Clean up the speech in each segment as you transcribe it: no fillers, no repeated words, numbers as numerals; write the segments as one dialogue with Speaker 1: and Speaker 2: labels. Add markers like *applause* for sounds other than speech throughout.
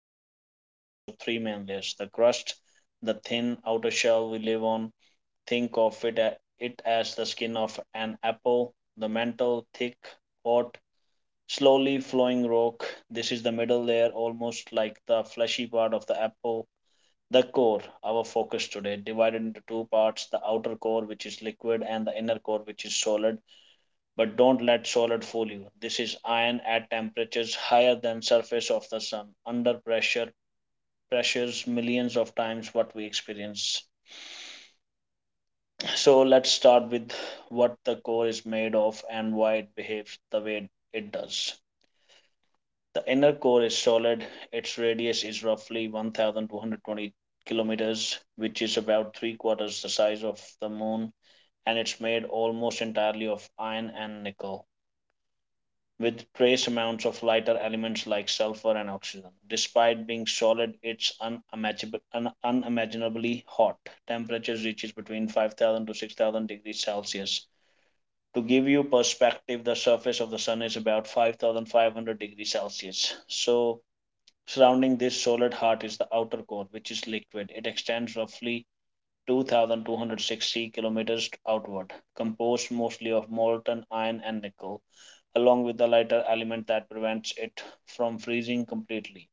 Speaker 1: The earth is composed of three main layers: the crust, the thin outer shell we live on. Think of it, it as the skin of an apple. The mantle, thick, hot, slowly flowing rock. This is the middle layer, almost like the fleshy part of the apple. The core, our focus today, divided into two parts: the outer core, which is liquid, and the inner core, which is solid. But don't let solid fool you. This is iron at temperatures higher than surface of the sun, under pressures millions of times what we experience. So let's start with what the core is made of and why it behaves the way it does. The inner core is solid. Its radius is roughly 1,220 kilometers, which is about three-quarters the size of the Moon, and it's made almost entirely of iron and nickel, with trace amounts of lighter elements like sulfur and oxygen. Despite being solid, it's unimaginably hot. Temperatures reaches between 5,000 to 6,000 degrees Celsius. To give you perspective, the surface of the sun is about 5,500 degrees Celsius. So, surrounding this solid heart is the outer core, which is liquid. It extends roughly 2,260 kilometers outward, composed mostly of molten iron and nickel, along with the lighter element that prevents it from freezing completely.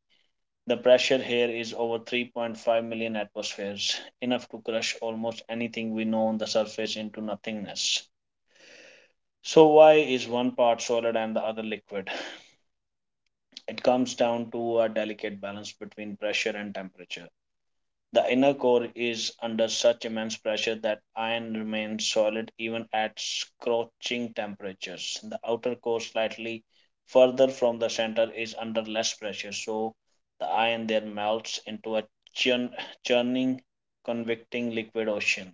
Speaker 1: The pressure here is over 3.5 million atmospheres, enough to crush almost anything we know on the surface into nothingness. So, why is one part solid and the other liquid? It comes down to a delicate balance between pressure and temperature. The inner core is under such immense pressure that iron remains solid even at scorching temperatures. The outer core, slightly further from the center, is under less pressure, so the iron there melts into a churn, churning, convecting liquid ocean.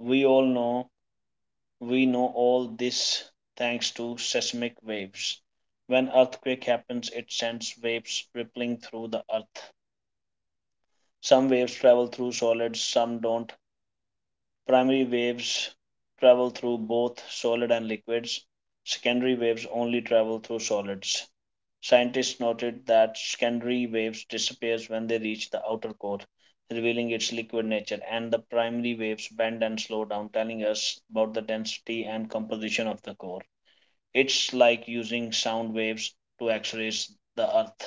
Speaker 1: We all know we know all this thanks to seismic waves. When earthquake happens, it sends waves rippling through the earth. Some waves travel through solids, some don't. Primary waves travel through both solid and liquids. Secondary waves only travel through solids. Scientists noted that secondary waves disappears when they reach the outer core, revealing its liquid nature, and the primary waves bend and slow down, telling us about the density and composition of the core. It's like using sound waves to X-rays the Earth.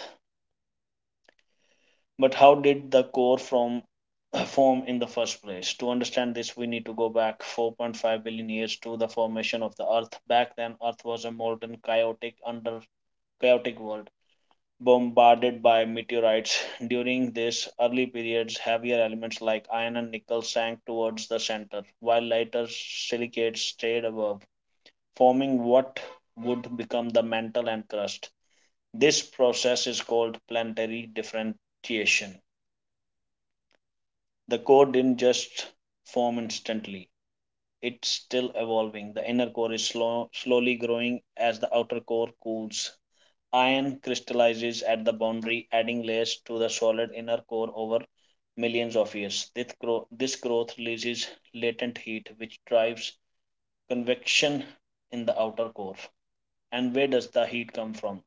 Speaker 1: But how did the core from *clears throat* form in the first place. To understand this, we need to go back 4.5 billion years to the formation of the Earth. Back then, Earth was a molten, chaotic, under chaotic world bombarded by meteorites. During this early periods, heavier elements like iron and nickel sank towards the center, while lighter silicates stayed above, forming what would become the mantle and crust. This process is called planetary differentiation. The core didn't just form instantly. It's still evolving. The inner core is slow, slowly growing as the outer core cools. Iron crystallizes at the boundary, adding layers to the solid inner core over millions of years. This growth releases latent heat, which drives convection in the outer core. And where does the heat come from?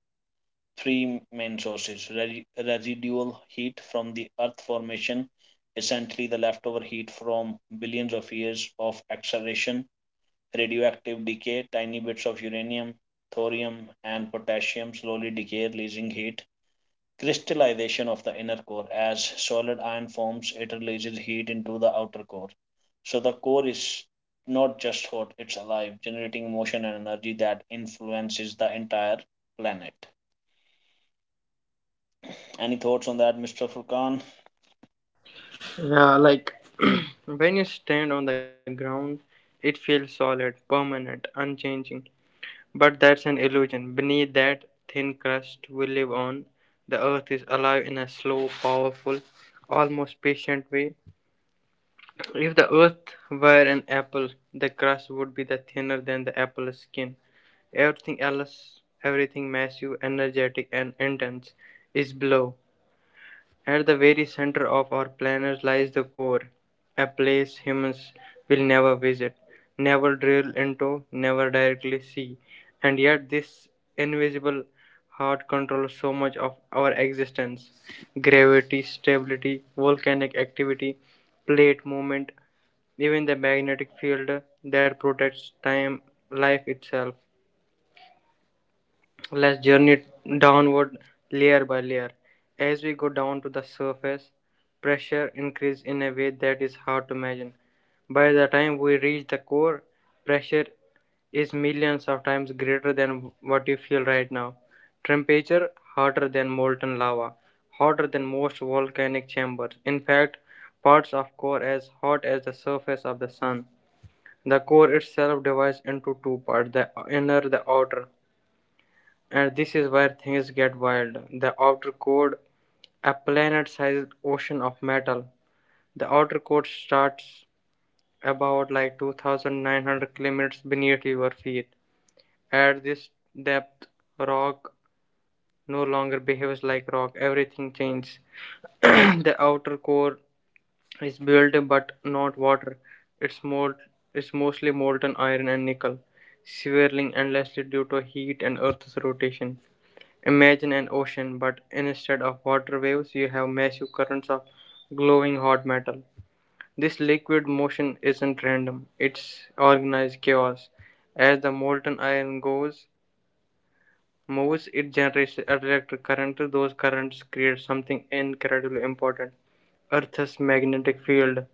Speaker 1: Three main sources: residual heat from the earth formation, essentially the leftover heat from billions of years of acceleration; radioactive decay, tiny bits of uranium, thorium, and potassium slowly decay, releasing heat; crystallization of the inner core. As solid iron forms, it releases heat into the outer core. So the core is not just hot, it's alive, generating motion and energy that influences the entire planet. Any thoughts on that, Mr. Furkan?
Speaker 2: Yeah, like *clears throat* when you stand on the ground, it feels solid, permanent, unchanging. But that's an illusion. Beneath that thin crust we live on, the earth is alive in a slow, powerful, almost patient way. If the earth were an apple, the crust would be the thinner than the apple's skin. Everything else, everything massive, energetic, and intense, is below. At the very center of our planet lies the core, a place humans will never visit, never drill into, never directly see. And yet, this invisible heart controls so much of our existence, gravity, stability, volcanic activity, plate movement, even the magnetic field that protects time, life itself. Let's journey downward layer by layer. As we go down to the surface, pressure increases in a way that is hard to imagine. By the time we reach the core, pressure is millions of times greater than what you feel right now. Temperature hotter than molten lava, hotter than most volcanic chambers. In fact, parts of core as hot as the surface of the sun. The core itself divides into two parts, the inner and the outer. And this is where things get wild. The outer core, a planet sized ocean of metal. The outer core starts about 2900 kilometers beneath your feet. At this depth, rock no longer behaves like rock, everything changes. *clears throat* The outer core is built but not water. It's, molt- it's mostly molten iron and nickel, swirling endlessly due to heat and Earth's rotation. Imagine an ocean, but instead of water waves, you have massive currents of glowing hot metal. This liquid motion isn't random, it's organized chaos. As the molten iron goes moves, it generates electric current. Those currents create something incredibly important. Earth's magnetic field.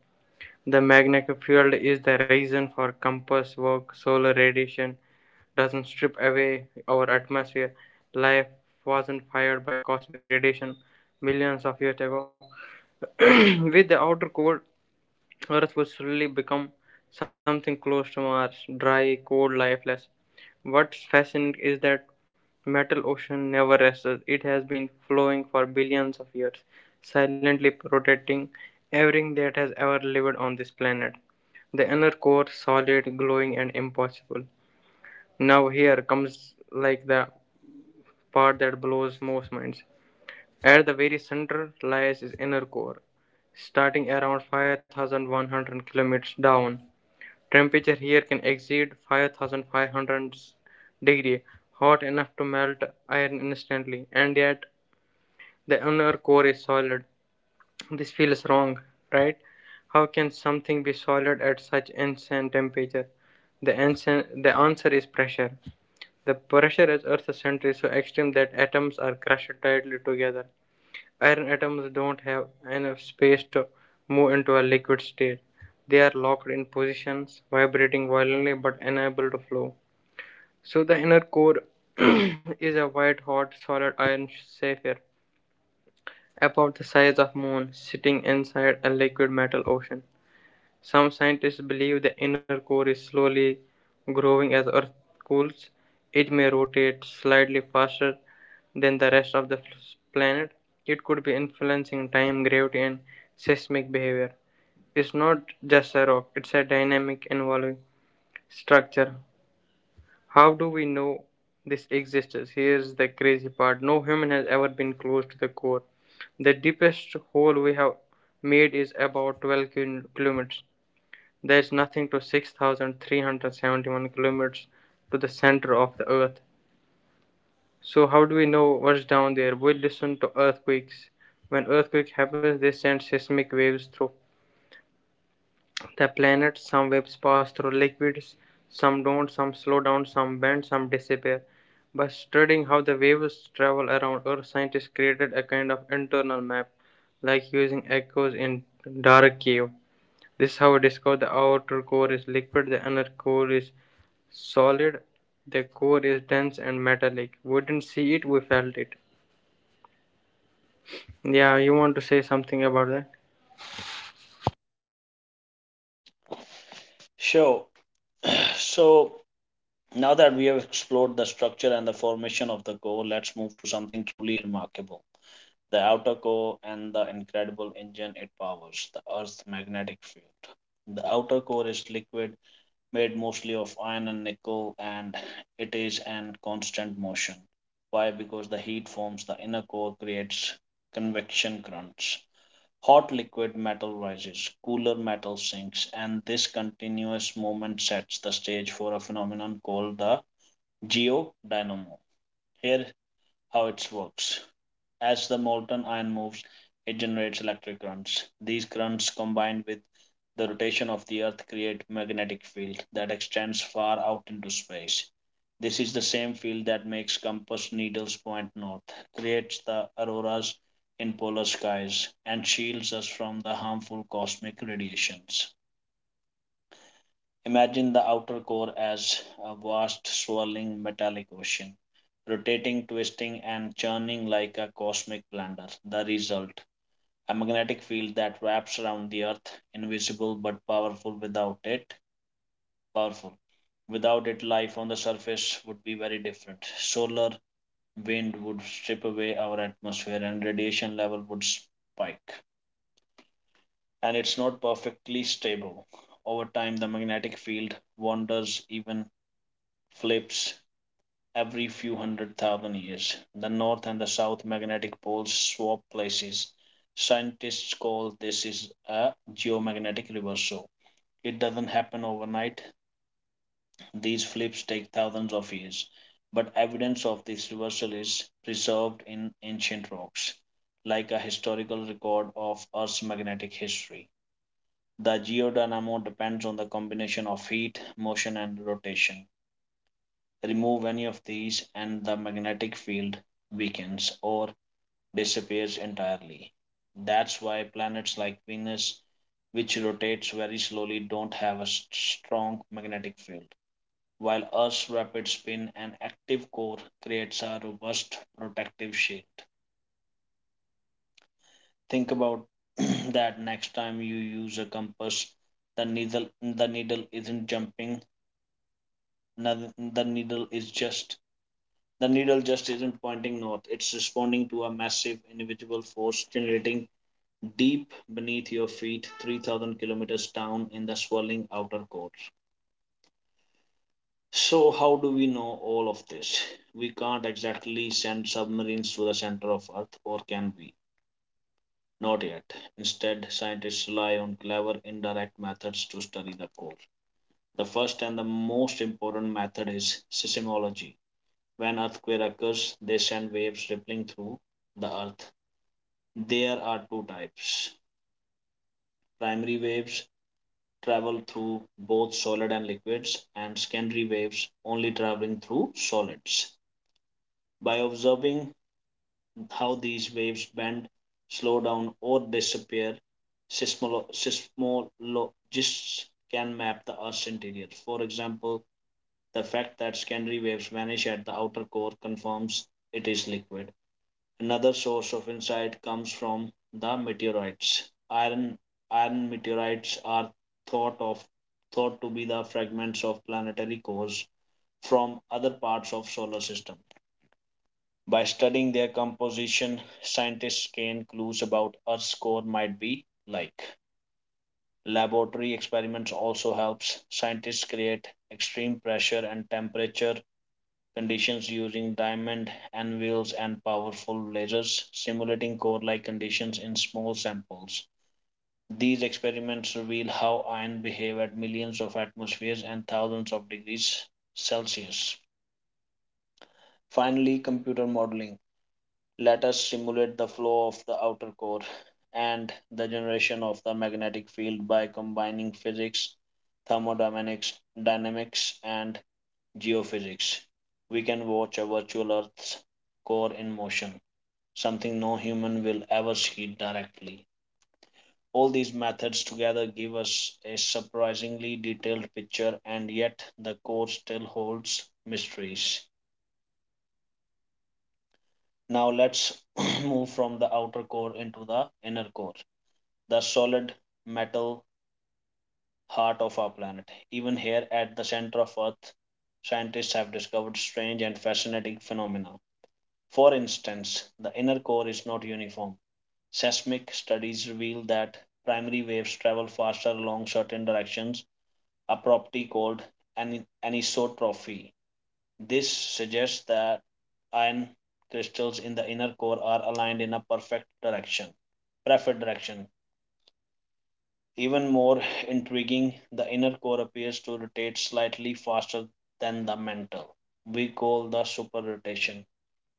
Speaker 2: The magnetic field is the reason for compass work, solar radiation, doesn't strip away our atmosphere. Life wasn't fired by cosmic radiation millions of years ago. *clears throat* With the outer core, Earth would slowly become something close to Mars, dry, cold, lifeless. What's fascinating is that metal ocean never rested. It has been flowing for billions of years, silently protecting everything that has ever lived on this planet. The inner core, solid, glowing, and impossible. Now here comes the part that blows most minds. At the very center lies its inner core, starting around 5100 kilometers down. Temperature here can exceed 5500 degrees, hot enough to melt iron instantly, and yet the inner core is solid. This feels wrong, right? How can something be solid at such insane temperature? The answer is pressure. The pressure at Earth's center is so extreme that atoms are crushed tightly together. Iron atoms don't have enough space to move into a liquid state. They are locked in positions, vibrating violently but unable to flow. So the inner core *clears throat* is a white hot solid iron sphere about the size of moon sitting inside a liquid metal ocean. Some scientists believe the inner core is slowly growing as Earth cools. It may rotate slightly faster than the rest of the planet. It could be influencing time, gravity, and seismic behavior. It's not just a rock, it's a dynamic evolving structure. How do we know this exists? Here's the crazy part, no human has ever been close to the core. The deepest hole we have made is about 12 kilometers. There is nothing to 6,371 kilometers to the center of the earth. So, how do we know what's down there? We listen to earthquakes. When earthquake happens, they send seismic waves through the planet. Some waves pass through liquids, some don't, some slow down, some bend, some disappear. By studying how the waves travel around Earth, scientists created a kind of internal map, like using echoes in dark cave. This is how we discover the outer core is liquid, the inner core is solid, the core is dense and metallic. We didn't see it, we felt it. Yeah, you want to say something about that?
Speaker 1: Sure. So now that we have explored the structure and the formation of the core, let's move to something truly remarkable: the outer core and the incredible engine it powers, the Earth's magnetic field. The outer core is liquid, made mostly of iron and nickel, and it is in constant motion. Why? Because the heat forms the inner core, creates convection currents. Hot liquid metal rises, cooler metal sinks, and this continuous movement sets the stage for a phenomenon called the geodynamo. Here, how it works: as the molten iron moves, it generates electric currents. These currents, combined with the rotation of the Earth, create a magnetic field that extends far out into space. This is the same field that makes compass needles point north, creates the auroras in polar skies, and shields us from the harmful cosmic radiations. Imagine the outer core as a vast, swirling metallic ocean, rotating, twisting, and churning like a cosmic blender. The result: a magnetic field that wraps around the earth, invisible but powerful Powerful. Without it, life on the surface would be very different. Solar wind would strip away our atmosphere and radiation level would spike. And it's not perfectly stable. Over time, the magnetic field wanders, even flips. Every few 100,000 years, the North and the South magnetic poles swap places. Scientists call this is a geomagnetic reversal. It doesn't happen overnight. These flips take thousands of years, but evidence of this reversal is preserved in ancient rocks, like a historical record of Earth's magnetic history. The geodynamo depends on the combination of heat, motion, and rotation. Remove any of these and the magnetic field weakens or disappears entirely. That's why planets like Venus, which rotates very slowly, don't have a strong magnetic field, while Earth's rapid spin and active core creates a robust protective shield. Think about *clears throat* that next time you use a compass. The needle isn't jumping, noth- the needle is just The needle just isn't pointing north, it's responding to a massive invisible force generating deep beneath your feet 3,000 kilometers down in the swirling outer core. So, how do we know all of this? We can't exactly send submarines to the center of Earth, or can we? Not yet. Instead, scientists rely on clever indirect methods to study the core. The first and the most important method is seismology. When earthquake occurs, they send waves rippling through the earth. There are two types. Primary waves travel through both solid and liquids, and secondary waves only traveling through solids. By observing how these waves bend, slow down, or disappear, seismologists can map the Earth's interior. For example, the fact that secondary waves vanish at the outer core confirms it is liquid. Another source of insight comes from the meteorites. Iron iron meteorites are thought of thought to be the fragments of planetary cores from other parts of solar system. By studying their composition, scientists gain clues about Earth's core might be like. Laboratory experiments also helps scientists create extreme pressure and temperature conditions using diamond anvils and powerful lasers, simulating core-like conditions in small samples. These experiments reveal how ions behave at millions of atmospheres and thousands of degrees Celsius. Finally, computer modeling. Let us simulate the flow of the outer core and the generation of the magnetic field. By combining physics, thermodynamics, dynamics, and geophysics, we can watch a virtual Earth's core in motion, something no human will ever see directly. All these methods together give us a surprisingly detailed picture, and yet the core still holds mysteries. Now let's *clears throat* move from the outer core into the inner core, the solid metal heart of our planet. Even here at the center of Earth, scientists have discovered strange and fascinating phenomena. For instance, the inner core is not uniform. Seismic studies reveal that primary waves travel faster along certain directions, a property called anisotropy. This suggests that iron crystals in the inner core are aligned in a preferred direction. Even more intriguing, the inner core appears to rotate slightly faster than the mantle. We call the super rotation.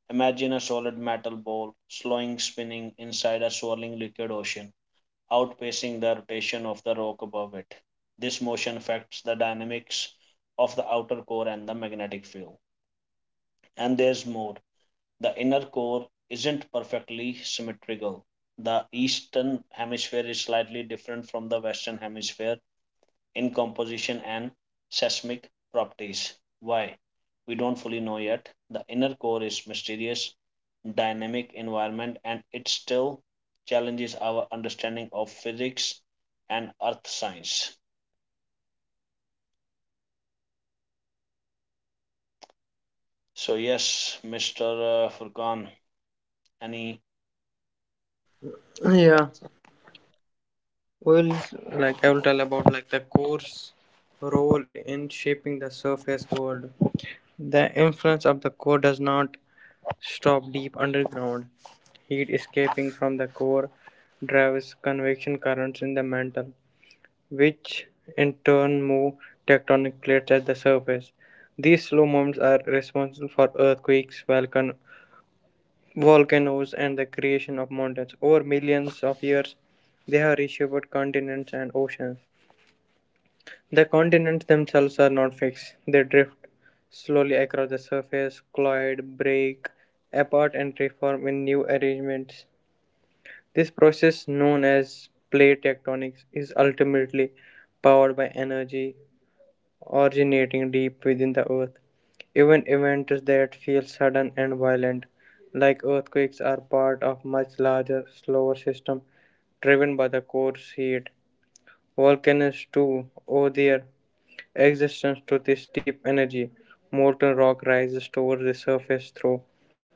Speaker 1: Imagine a solid metal ball slowing spinning inside a swirling liquid ocean, outpacing the rotation of the rock above it. This motion affects the dynamics of the outer core and the magnetic field. And there's more. The inner core isn't perfectly symmetrical. The eastern hemisphere is slightly different from the western hemisphere in composition and seismic properties. Why? We don't fully know yet. The inner core is mysterious, dynamic environment, and it still challenges our understanding of physics and earth science. So yes, Mr. Furkan, any
Speaker 2: Yeah, well, I will tell about the core's role in shaping the surface world. The influence of the core does not stop deep underground. Heat escaping from the core drives convection currents in the mantle, which in turn move tectonic plates at the surface. These slow movements are responsible for earthquakes, volcanoes, and the creation of mountains. Over millions of years, they have reshaped continents and oceans. The continents themselves are not fixed, they drift slowly across the surface, collide, break apart, and reform in new arrangements. This process, known as plate tectonics, is ultimately powered by energy originating deep within the earth. Even events that feel sudden and violent, like earthquakes, are part of much larger, slower system driven by the core's heat. Volcanoes, too, owe their existence to this deep energy. Molten rock rises towards the surface through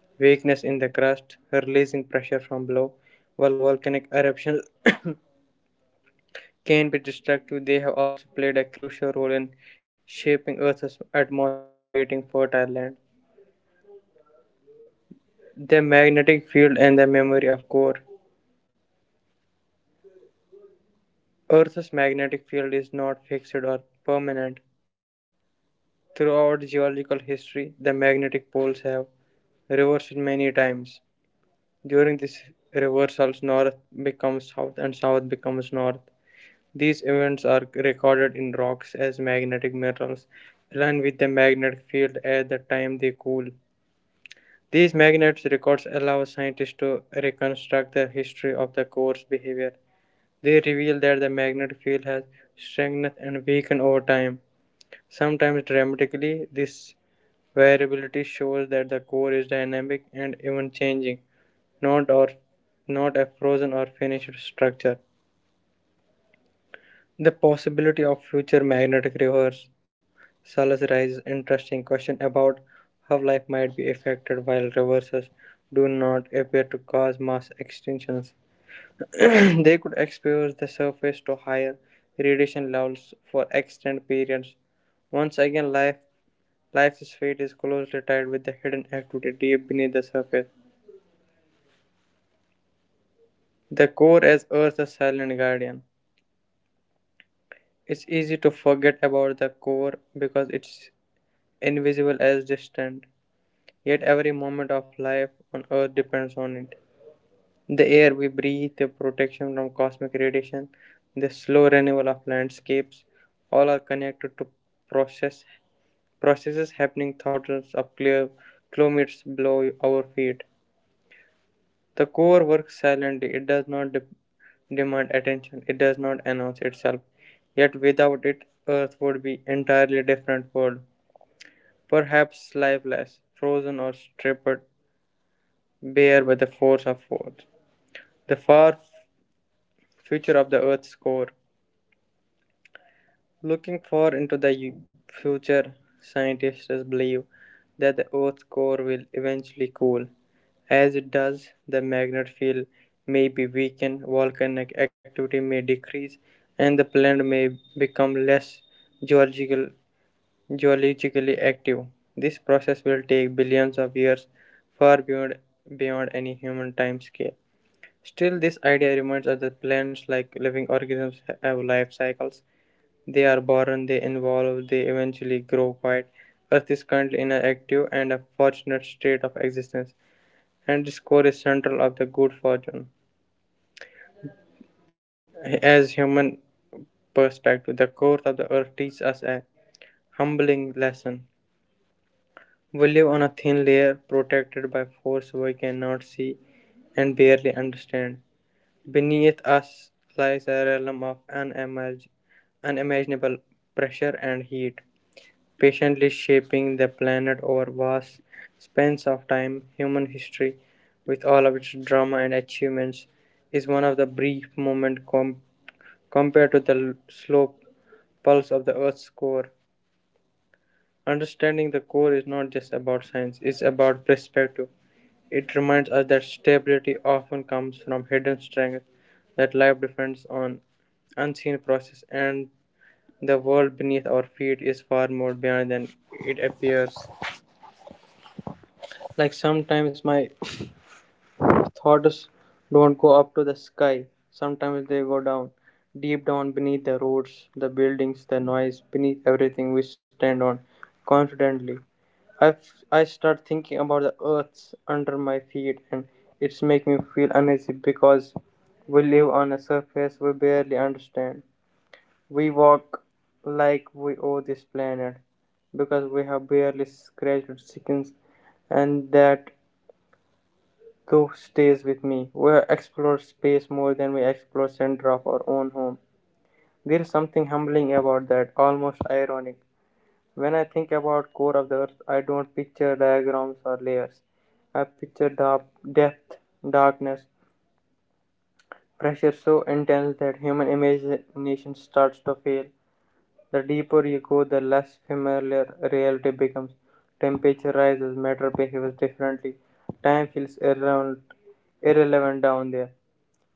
Speaker 2: weakness in the crust, releasing pressure from below, while volcanic eruptions can be destructive, they have also played a crucial role in shaping Earth's atmosphere and creating fertile land. The magnetic field and the memory of core. Earth's magnetic field is not fixed or permanent. Throughout geological history, the magnetic poles have reversed many times. During these reversals, north becomes south and south becomes north. These events are recorded in rocks as magnetic minerals, along with the magnetic field at the time they cool. These magnet records allow scientists to reconstruct the history of the core's behavior. They reveal that the magnetic field has strengthened and weakened over time, sometimes dramatically. This variability shows that the core is dynamic and even changing, not or not a frozen or finished structure. The possibility of future magnetic reverse Salas raises interesting question about how life might be affected while reverses do not appear to cause mass extinctions. *clears throat* They could expose the surface to higher radiation levels for extended periods. Once again, life's fate is closely tied with the hidden activity deep beneath the surface. The core as Earth's silent guardian. It's easy to forget about the core because it's invisible as distant, yet every moment of life on Earth depends on it. The air we breathe, the protection from cosmic radiation, the slow renewal of landscapes, all are connected to process processes happening thousands of clear kilometers below our feet. The core works silently, it does not demand attention, it does not announce itself. Yet without it, Earth would be entirely different world, perhaps lifeless, frozen or stripped bare by the force of what? The far future of the Earth's core. Looking far into the future, scientists believe that the Earth's core will eventually cool. As it does, the magnetic field may be weakened, volcanic activity may decrease, and the planet may become less geological, geologically active. This process will take billions of years, far beyond, beyond any human time scale. Still, this idea remains as the plants, like living organisms, have life cycles. They are born, they evolve, they eventually grow quite. Earth is currently in an active and a fortunate state of existence, and this core is central of the good fortune. As human perspective, the course of the earth teaches us a humbling lesson. We live on a thin layer protected by force we cannot see and barely understand. Beneath us lies a realm of unimaginable pressure and heat, patiently shaping the planet over vast spans of time. Human history, with all of its drama and achievements, is one of the brief moments compared to the slow pulse of the Earth's core. Understanding the core is not just about science, it's about perspective. It reminds us that stability often comes from hidden strength, that life depends on unseen process, and the world beneath our feet is far more beyond than it appears. Sometimes my thoughts don't go up to the sky. Sometimes they go down, deep down beneath the roads, the buildings, the noise, beneath everything we stand on confidently. I, I start thinking about the earth under my feet and it's making me feel uneasy because we live on a surface we barely understand. We walk like we owe this planet because we have barely scratched skins and that thou stays with me. We explore space more than we explore center of our own home. There is something humbling about that, almost ironic. When I think about core of the earth, I don't picture diagrams or layers. I picture dark depth, darkness, pressure so intense that human imagination starts to fail. The deeper you go, the less familiar reality becomes. Temperature rises, matter behaves differently. Time feels irrelevant, irrelevant down there.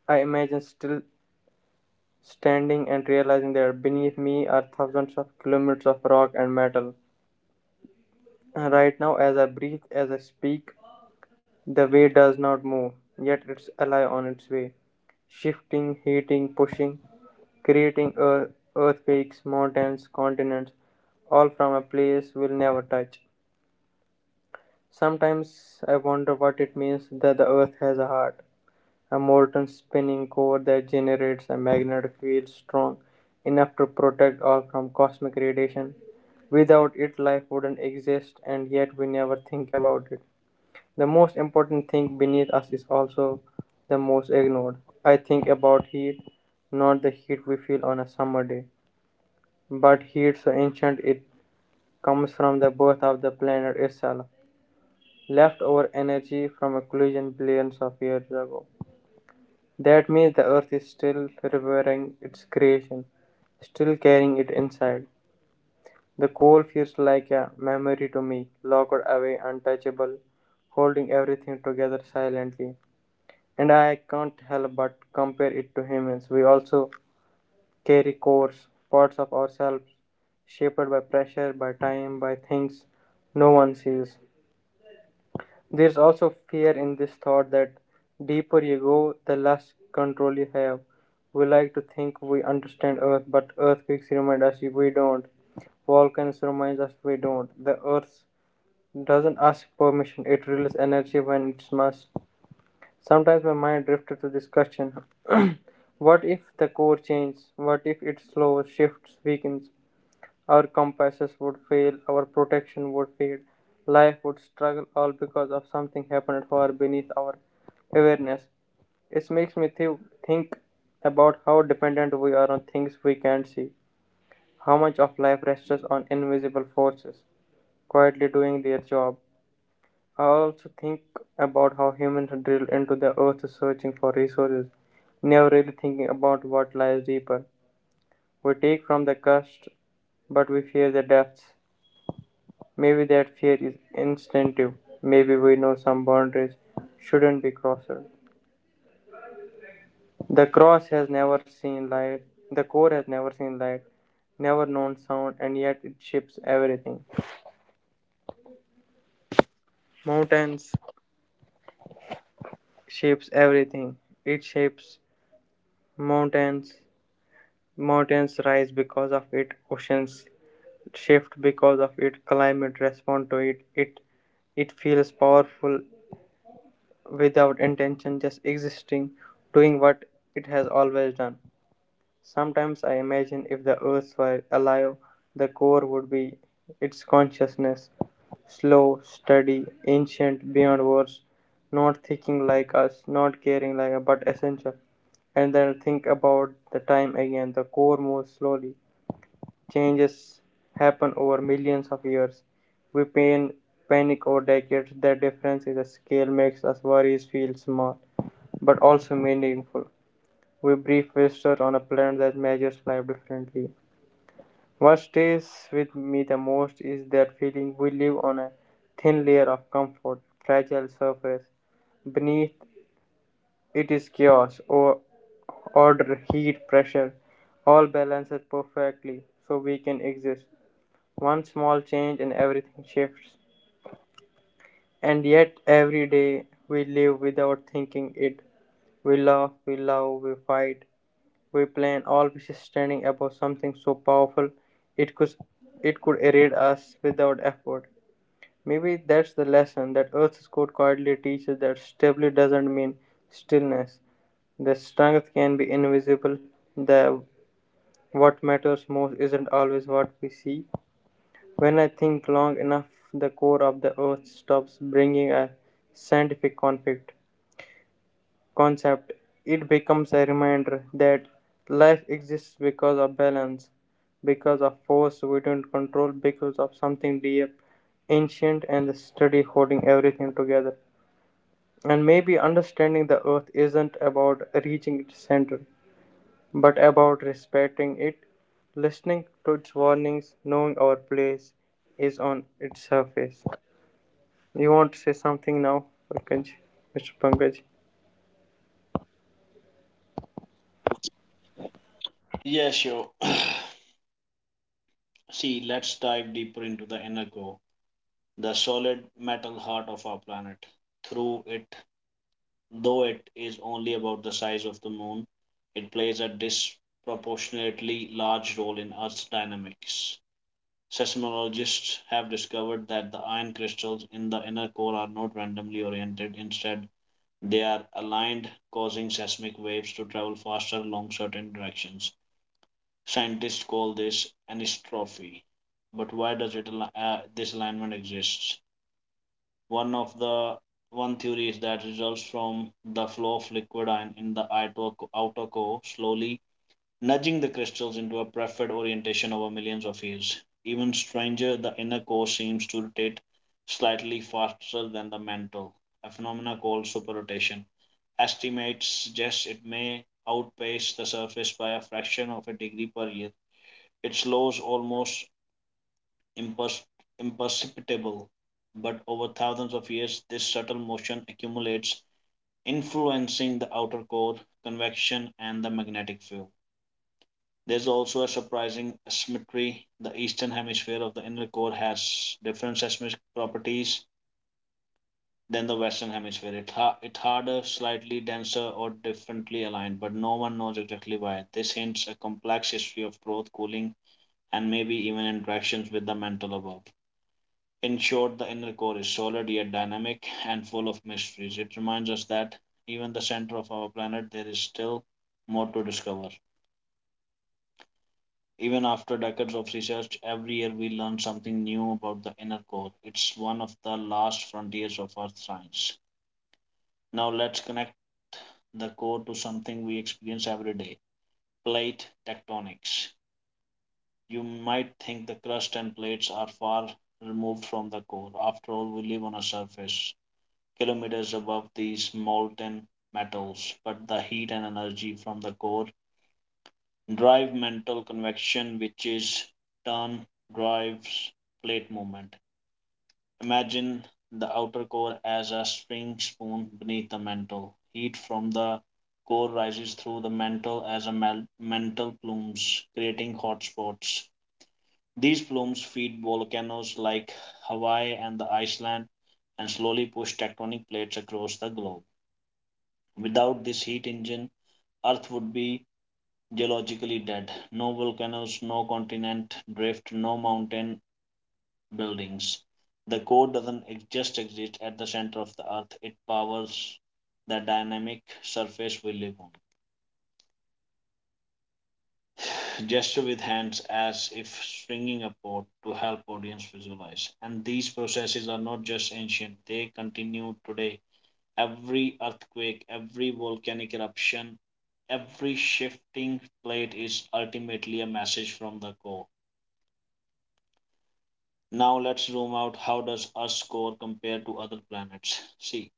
Speaker 2: I imagine still standing and realizing that beneath me are thousands of kilometers of rock and metal. And right now, as I breathe, as I speak, the way does not move, yet it's alive on its way, shifting, heating, pushing, creating earth, earthquakes, mountains, continents, all from a place we'll never touch. Sometimes I wonder what it means that the earth has a heart, a molten spinning core that generates a magnetic field strong enough to protect Earth from cosmic radiation. Without it, life wouldn't exist, and yet we never think about it. The most important thing beneath us is also the most ignored. I think about heat, not the heat we feel on a summer day, but heat so ancient it comes from the birth of the planet itself, leftover energy from a collision billions of years ago. That means the earth is still revering its creation, still carrying it inside. The coal feels like a memory to me, locked away, untouchable, holding everything together silently. And I can't help but compare it to humans. We also carry cores, parts of ourselves, shaped by pressure, by time, by things no one sees. There's also fear in this thought that deeper you go, the less control you have. We like to think we understand Earth, but earthquakes remind us we don't. Volcanoes remind us we don't. The Earth doesn't ask permission, it releases energy when it must. Sometimes my mind drifted to this question: what if the core changes? What if it slows, shifts, weakens? Our compasses would fail, our protection would fade, life would struggle, all because of something happened far beneath our awareness. It makes me think about how dependent we are on things we can't see, how much of life rests on invisible forces quietly doing their job. I also think about how humans are drilled into the earth searching for resources, never really thinking about what lies deeper. We take from the crust, but we fear the depths. Maybe that fear is instinctive, maybe we know some boundaries shouldn't be crossed. The cross has never seen light, the core has never seen light, never known sound, and yet it shapes everything. Mountains shapes everything. It shapes mountains. Mountains rise because of it. Oceans shift because of it. Climate respond to it. It feels powerful without intention, just existing, doing what it has always done. Sometimes I imagine if the Earth were alive, the core would be its consciousness: slow, steady, ancient beyond words, not thinking like us, not caring like us, but essential. And then think about the time again. The core moves slowly. Changes happen over millions of years. We pain, panic over decades. The difference is the scale makes us worries feel small, but also meaningful. We brief visitor on a planet that measures life differently. What stays with me the most is that feeling we live on a thin layer of comfort, fragile surface. Beneath it is chaos, or order, heat, pressure, all balanced perfectly so we can exist. One small change and everything shifts. And yet, every day we live without thinking it. We laugh, we love, we fight, we plan, all always standing above something so powerful it could it could erode us without effort. Maybe that's the lesson that Earth's code quietly teaches, that stability doesn't mean stillness. The strength can be invisible. The what matters most isn't always what we see. When I think long enough, the core of the Earth stops bringing a scientific conflict. Concept, it becomes a reminder that life exists because of balance, because of force we don't control, because of something deep, ancient, and steady holding everything together. And maybe understanding the earth isn't about reaching its center, but about respecting it, listening to its warnings, knowing our place is on its surface. You want to say something now, Pankaj, Mr. Pankaj?
Speaker 1: yes, sure. *clears throat* See, let's dive deeper into the inner core, the solid metal heart of our planet. Through it, Though it is only about the size of the Moon, it plays a disproportionately large role in Earth's dynamics. Seismologists have discovered that the iron crystals in the inner core are not randomly oriented. Instead, they are aligned, causing seismic waves to travel faster along certain directions. Scientists call this anisotropy. But this alignment exist? One of the one theory is that results from the flow of liquid ion in the outer core, slowly nudging the crystals into a preferred orientation over millions of years. Even stranger, the inner core seems to rotate slightly faster than the mantle, a phenomena called superrotation. Estimates suggest it may outpace the surface by a fraction of a degree per year. It slows almost impers- imperceptible, but over thousands of years, this subtle motion accumulates, influencing the outer core, convection, and the magnetic field. There's also a surprising asymmetry. The eastern hemisphere of the inner core has different seismic properties than the western hemisphere. It harder, slightly denser, or differently aligned, but no one knows exactly why. This hints a complex history of growth, cooling, and maybe even interactions with the mantle above. In short, the inner core is solid yet dynamic and full of mysteries. It reminds us that even the center of our planet there is still more to discover. Even after decades of research, every year we learn something new about the inner core. It's one of the last frontiers of Earth science. Now let's connect the core to something we experience every day: plate tectonics. You might think the crust and plates are far removed from the core. After all, we live on a surface, kilometers above these molten metals, but the heat and energy from the core drive mantle convection, which is turn drives plate movement. Imagine the outer core as a spring spoon beneath the mantle. Heat from the core rises through the mantle as a mantle plumes, creating hot spots. These plumes feed volcanoes like Hawaii and the Iceland and slowly push tectonic plates across the globe. Without this heat engine, Earth would be geologically dead. No volcanoes, no continent drift, no mountain buildings. The core doesn't just exist at the center of the Earth, it powers the dynamic surface we live on. Gesture with hands as if stringing a pot to help audience visualize. And these processes are not just ancient, they continue today. Every earthquake, every volcanic eruption, every shifting plate is ultimately a message from the core. Now let's zoom out. How does Earth's core compare to other planets? See,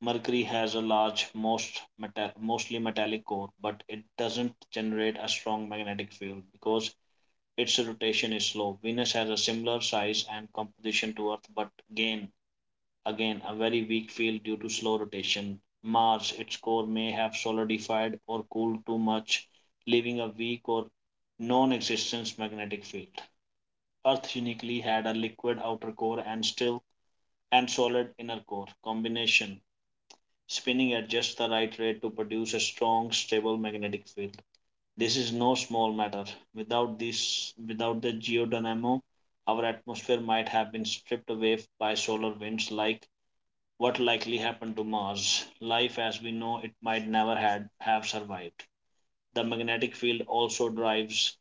Speaker 1: Mercury has a large, mostly metallic core, but it doesn't generate a strong magnetic field because its rotation is slow. Venus has a similar size and composition to Earth, but again, a very weak field due to slow rotation. Mars, its core may have solidified or cooled too much, leaving a weak or non existent magnetic field. Earth uniquely had a liquid outer core and solid inner core combination. Spinning at just the right rate to produce a strong, stable magnetic field. This is no small matter. Without this, without the geodynamo, our atmosphere might have been stripped away by solar winds like what likely happened to Mars. Life as we know it might never had have survived. The magnetic field also drives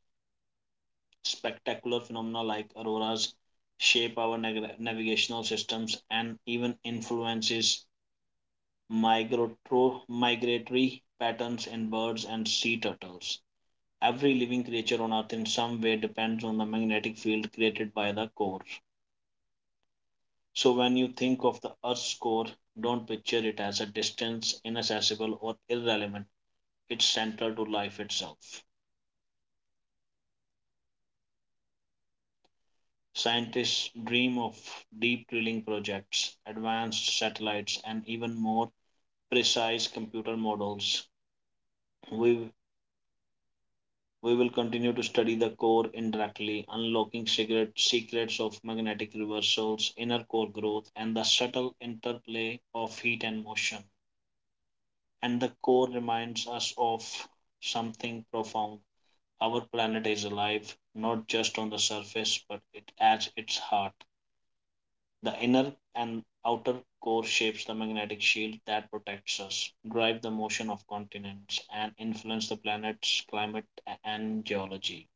Speaker 1: spectacular phenomena like auroras, shape our navigational systems, and even influences migratory patterns in birds and sea turtles. Every living creature on Earth in some way depends on the magnetic field created by the core. So, when you think of the Earth's core, don't picture it as a distant, inaccessible, or irrelevant. It's central to life itself. Scientists dream of deep drilling projects, advanced satellites, and even more precise computer models. We, we will continue to study the core indirectly, unlocking secrets of magnetic reversals, inner core growth, and the subtle interplay of heat and motion. And the core reminds us of something profound. Our planet is alive, not just on the surface, but it at its heart. The inner and outer core shapes the magnetic shield that protects us, drive the motion of continents, and influence the planet's climate and geology.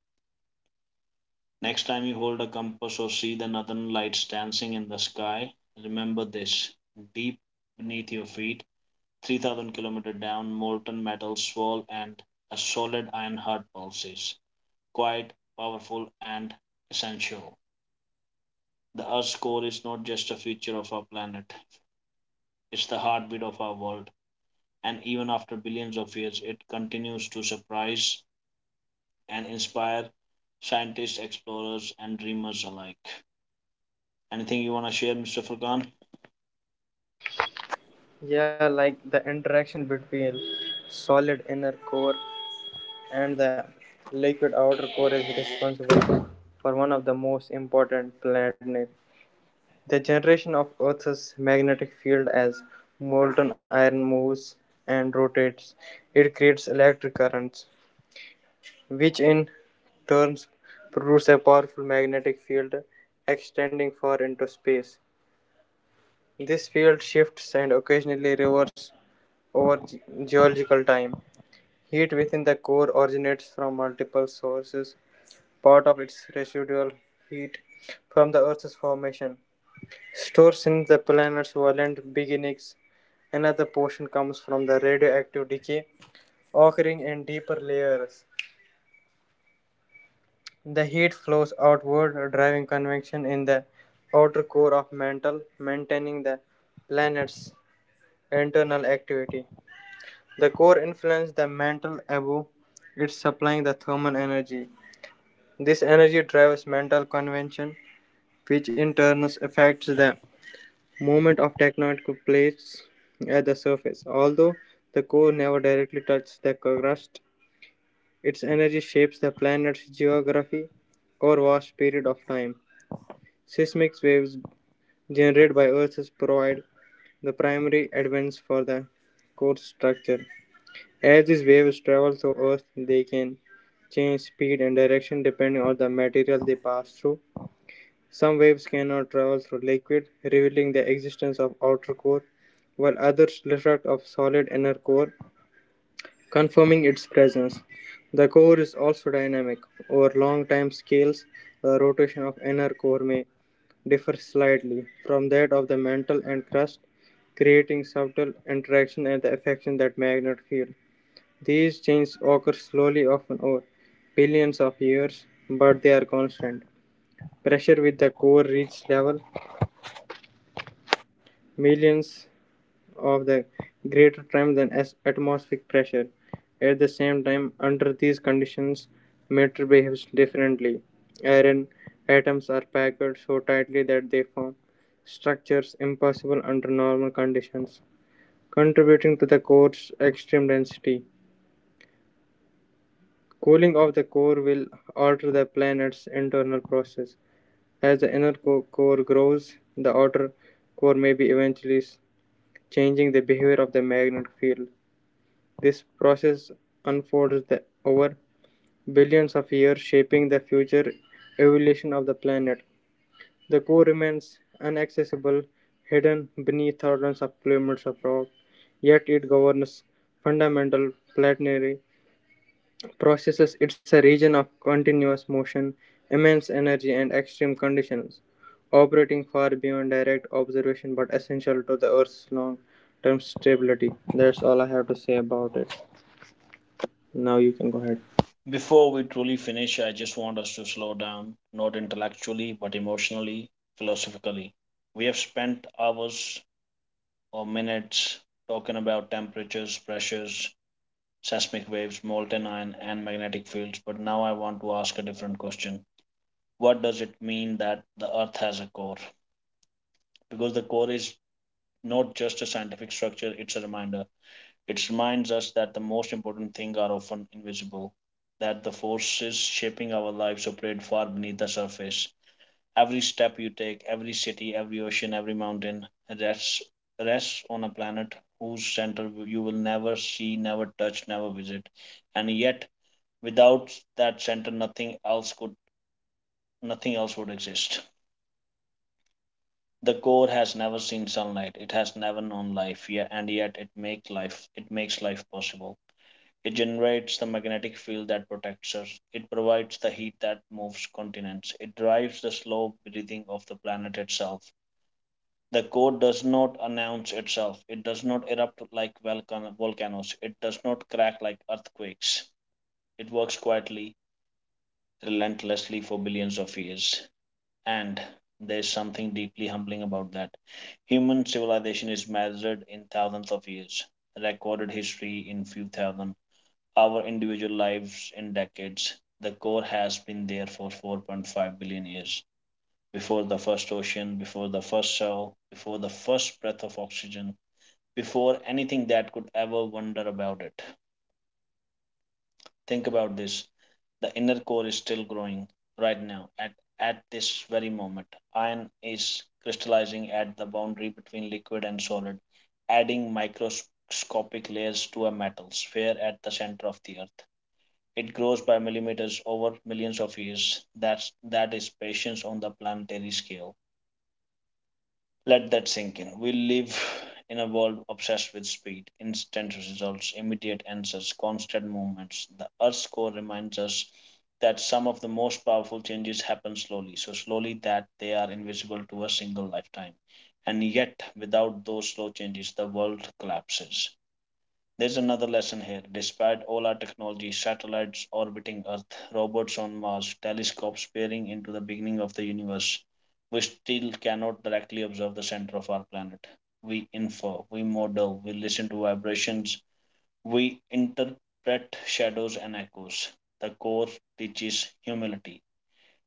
Speaker 1: Next time you hold a compass or see the northern lights dancing in the sky, remember this. Deep beneath your feet, 3,000 kilometers down, molten metal swirl and a solid iron heart pulses. Quiet, powerful, and essential. The Earth's core is not just a feature of our planet, it's the heartbeat of our world, and even after billions of years, it continues to surprise and inspire scientists, explorers, and dreamers alike. Anything you want to share, Mr. Furkan?
Speaker 2: Yeah, like the interaction between solid inner core and the liquid outer core is responsible for one of the most important planet. The generation of Earth's magnetic field: as molten iron moves and rotates, it creates electric currents, which in turn produce a powerful magnetic field extending far into space. This field shifts and occasionally reverses over geological time. Heat within the core originates from multiple sources. Part of its residual heat from the Earth's formation stores in the planet's violent beginnings. Another portion comes from the radioactive decay occurring in deeper layers. The heat flows outward, driving convection in the outer core of mantle, maintaining the planet's internal activity. The core influences the mantle above it, supplying the thermal energy. This energy drives mental convention, which in turn affects the movement of tectonic plates at the surface. Although the core never directly touches the crust, its energy shapes the planet's geography over vast period of time. Seismic waves generated by Earths provide the primary evidence for the core structure. As these waves travel through Earth, they can change speed and direction depending on the material they pass through. Some waves cannot travel through liquid, revealing the existence of outer core, while others refract off solid inner core, confirming its presence. The core is also dynamic. Over long time scales, the rotation of inner core may differ slightly from that of the mantle and crust, creating subtle interaction and the affection that magnet field. These changes occur slowly, often over billions of years, but they are constant. Pressure with the core reaches level millions of the greater time than as atmospheric pressure. At the same time, under these conditions, matter behaves differently. Iron atoms are packed so tightly that they form structures impossible under normal conditions, contributing to the core's extreme density. Cooling of the core will alter the planet's internal process. As the inner core grows, the outer core may be eventually changing the behavior of the magnetic field. This process unfolds over billions of years, shaping the future evolution of the planet. The core remains inaccessible, hidden beneath thousands of kilometers of rock, yet it governs fundamental planetary processes. It's a region of continuous motion, immense energy, and extreme conditions, operating far beyond direct observation but essential to the Earth's long term stability. That's all I have to say about it. Now you can go ahead.
Speaker 1: Before we truly finish, I just want us to slow down, not intellectually, but emotionally, philosophically. We have spent hours or minutes talking about temperatures, pressures, seismic waves, molten iron, and magnetic fields, but now I want to ask a different question. What does it mean that the earth has a core? Because the core is not just a scientific structure, it's a reminder. It reminds us that the most important things are often invisible, that the forces shaping our lives operate far beneath the surface. Every step you take, every city, every ocean, every mountain rests rests on a planet whose center you will never see, never touch, never visit. And yet, without that center, nothing else would exist. The core has never seen sunlight. It has never known life, yet, and yet it makes life. It makes life possible. It generates the magnetic field that protects us. It provides the heat that moves continents. It drives the slow breathing of the planet itself. The core does not announce itself. It does not erupt like volcanoes. It does not crack like earthquakes. It works quietly, relentlessly for billions of years. And there's something deeply humbling about that. Human civilization is measured in thousands of years, recorded history in few thousand, our individual lives in decades. The core has been there for 4.5 billion years. Before the first ocean, before the first cell, before the first breath of oxygen, before anything that could ever wonder about it. Think about this. The inner core is still growing right now at this very moment. Iron is crystallizing at the boundary between liquid and solid, adding microscopic layers to a metal sphere at the center of the earth. It grows by millimeters over millions of years. That is patience on the planetary scale. Let that sink in. We live in a world obsessed with speed, instant results, immediate answers, constant movements. The Earth's core reminds us that some of the most powerful changes happen slowly, so slowly that they are invisible to a single lifetime. And yet, without those slow changes, the world collapses. There's another lesson here. Despite all our technology, satellites orbiting Earth, robots on Mars, telescopes peering into the beginning of the universe, we still cannot directly observe the center of our planet. We infer, we model, we listen to vibrations, we interpret shadows and echoes. The core teaches humility.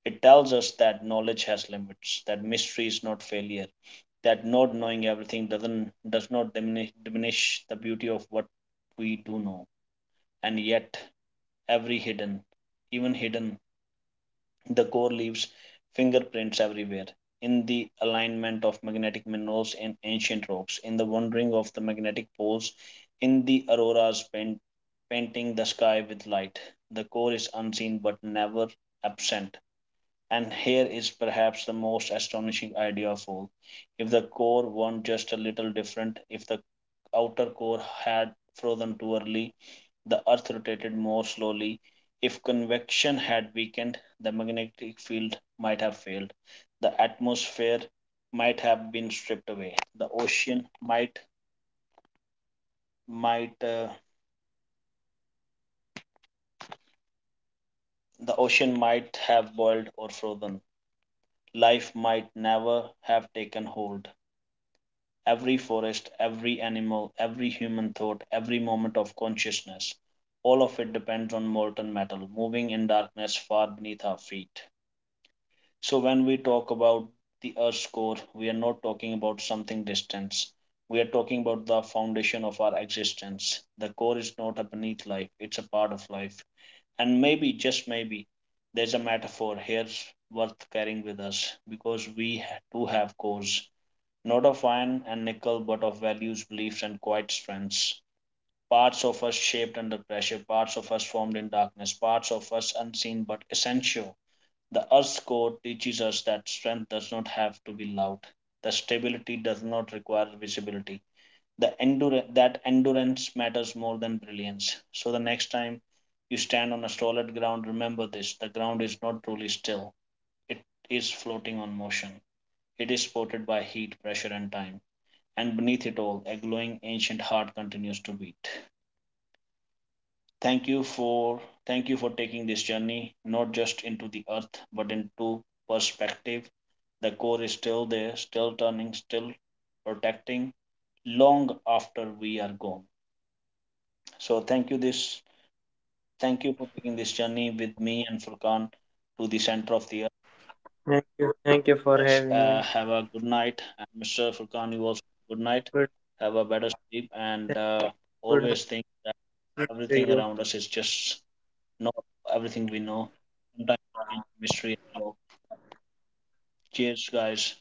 Speaker 1: It tells us that knowledge has limits, that mystery is not failure, that not knowing everything does not diminish the beauty of what we do know. And yet, every hidden, even hidden, the core leaves fingerprints everywhere. In the alignment of magnetic minerals in ancient rocks, in the wandering of the magnetic poles, in the painting the sky with light, the core is unseen but never absent. And here is perhaps the most astonishing idea of all. If the core weren't just a little different, if the outer core had frozen too early, the earth rotated more slowly. If convection had weakened, the magnetic field might have failed. The atmosphere might have been stripped away. Might uh, the ocean might have boiled or frozen. Life might never have taken hold. Every forest, every animal, every human thought, every moment of consciousness, all of it depends on molten metal moving in darkness far beneath our feet. So, when we talk about the Earth's core, we are not talking about something distant. We are talking about the foundation of our existence. The core is not a beneath life, it's a part of life. And maybe, just maybe, there's a metaphor here worth carrying with us because do have cores not of iron and nickel, but of values, beliefs, and quiet strengths. Parts of us shaped under pressure, parts of us formed in darkness, parts of us unseen but essential. The Earth's core teaches us that strength does not have to be loud, the stability does not require visibility, that endurance matters more than brilliance. So the next time you stand on a solid ground, remember this: the ground is not truly still, it is floating on motion, it is supported by heat, pressure, and time, and beneath it all, a glowing ancient heart continues to beat. Thank you for Thank you for taking this journey not just into the earth but into perspective. The core is still there, still turning, still protecting long after we are gone. So thank you for taking this journey with me and Furkan to the center of the earth.
Speaker 2: Thank you for
Speaker 1: Guys,
Speaker 2: having me.
Speaker 1: have a good night, and Mr. Furkan, you also good night.
Speaker 2: Good,
Speaker 1: Have a better sleep and
Speaker 2: good night
Speaker 1: always think
Speaker 2: to
Speaker 1: everything
Speaker 2: you
Speaker 1: around us is just not everything we know. Sometimes it can be mystery as well. Cheers, guys.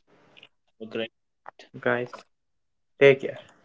Speaker 1: Have a great
Speaker 2: guys. Take care.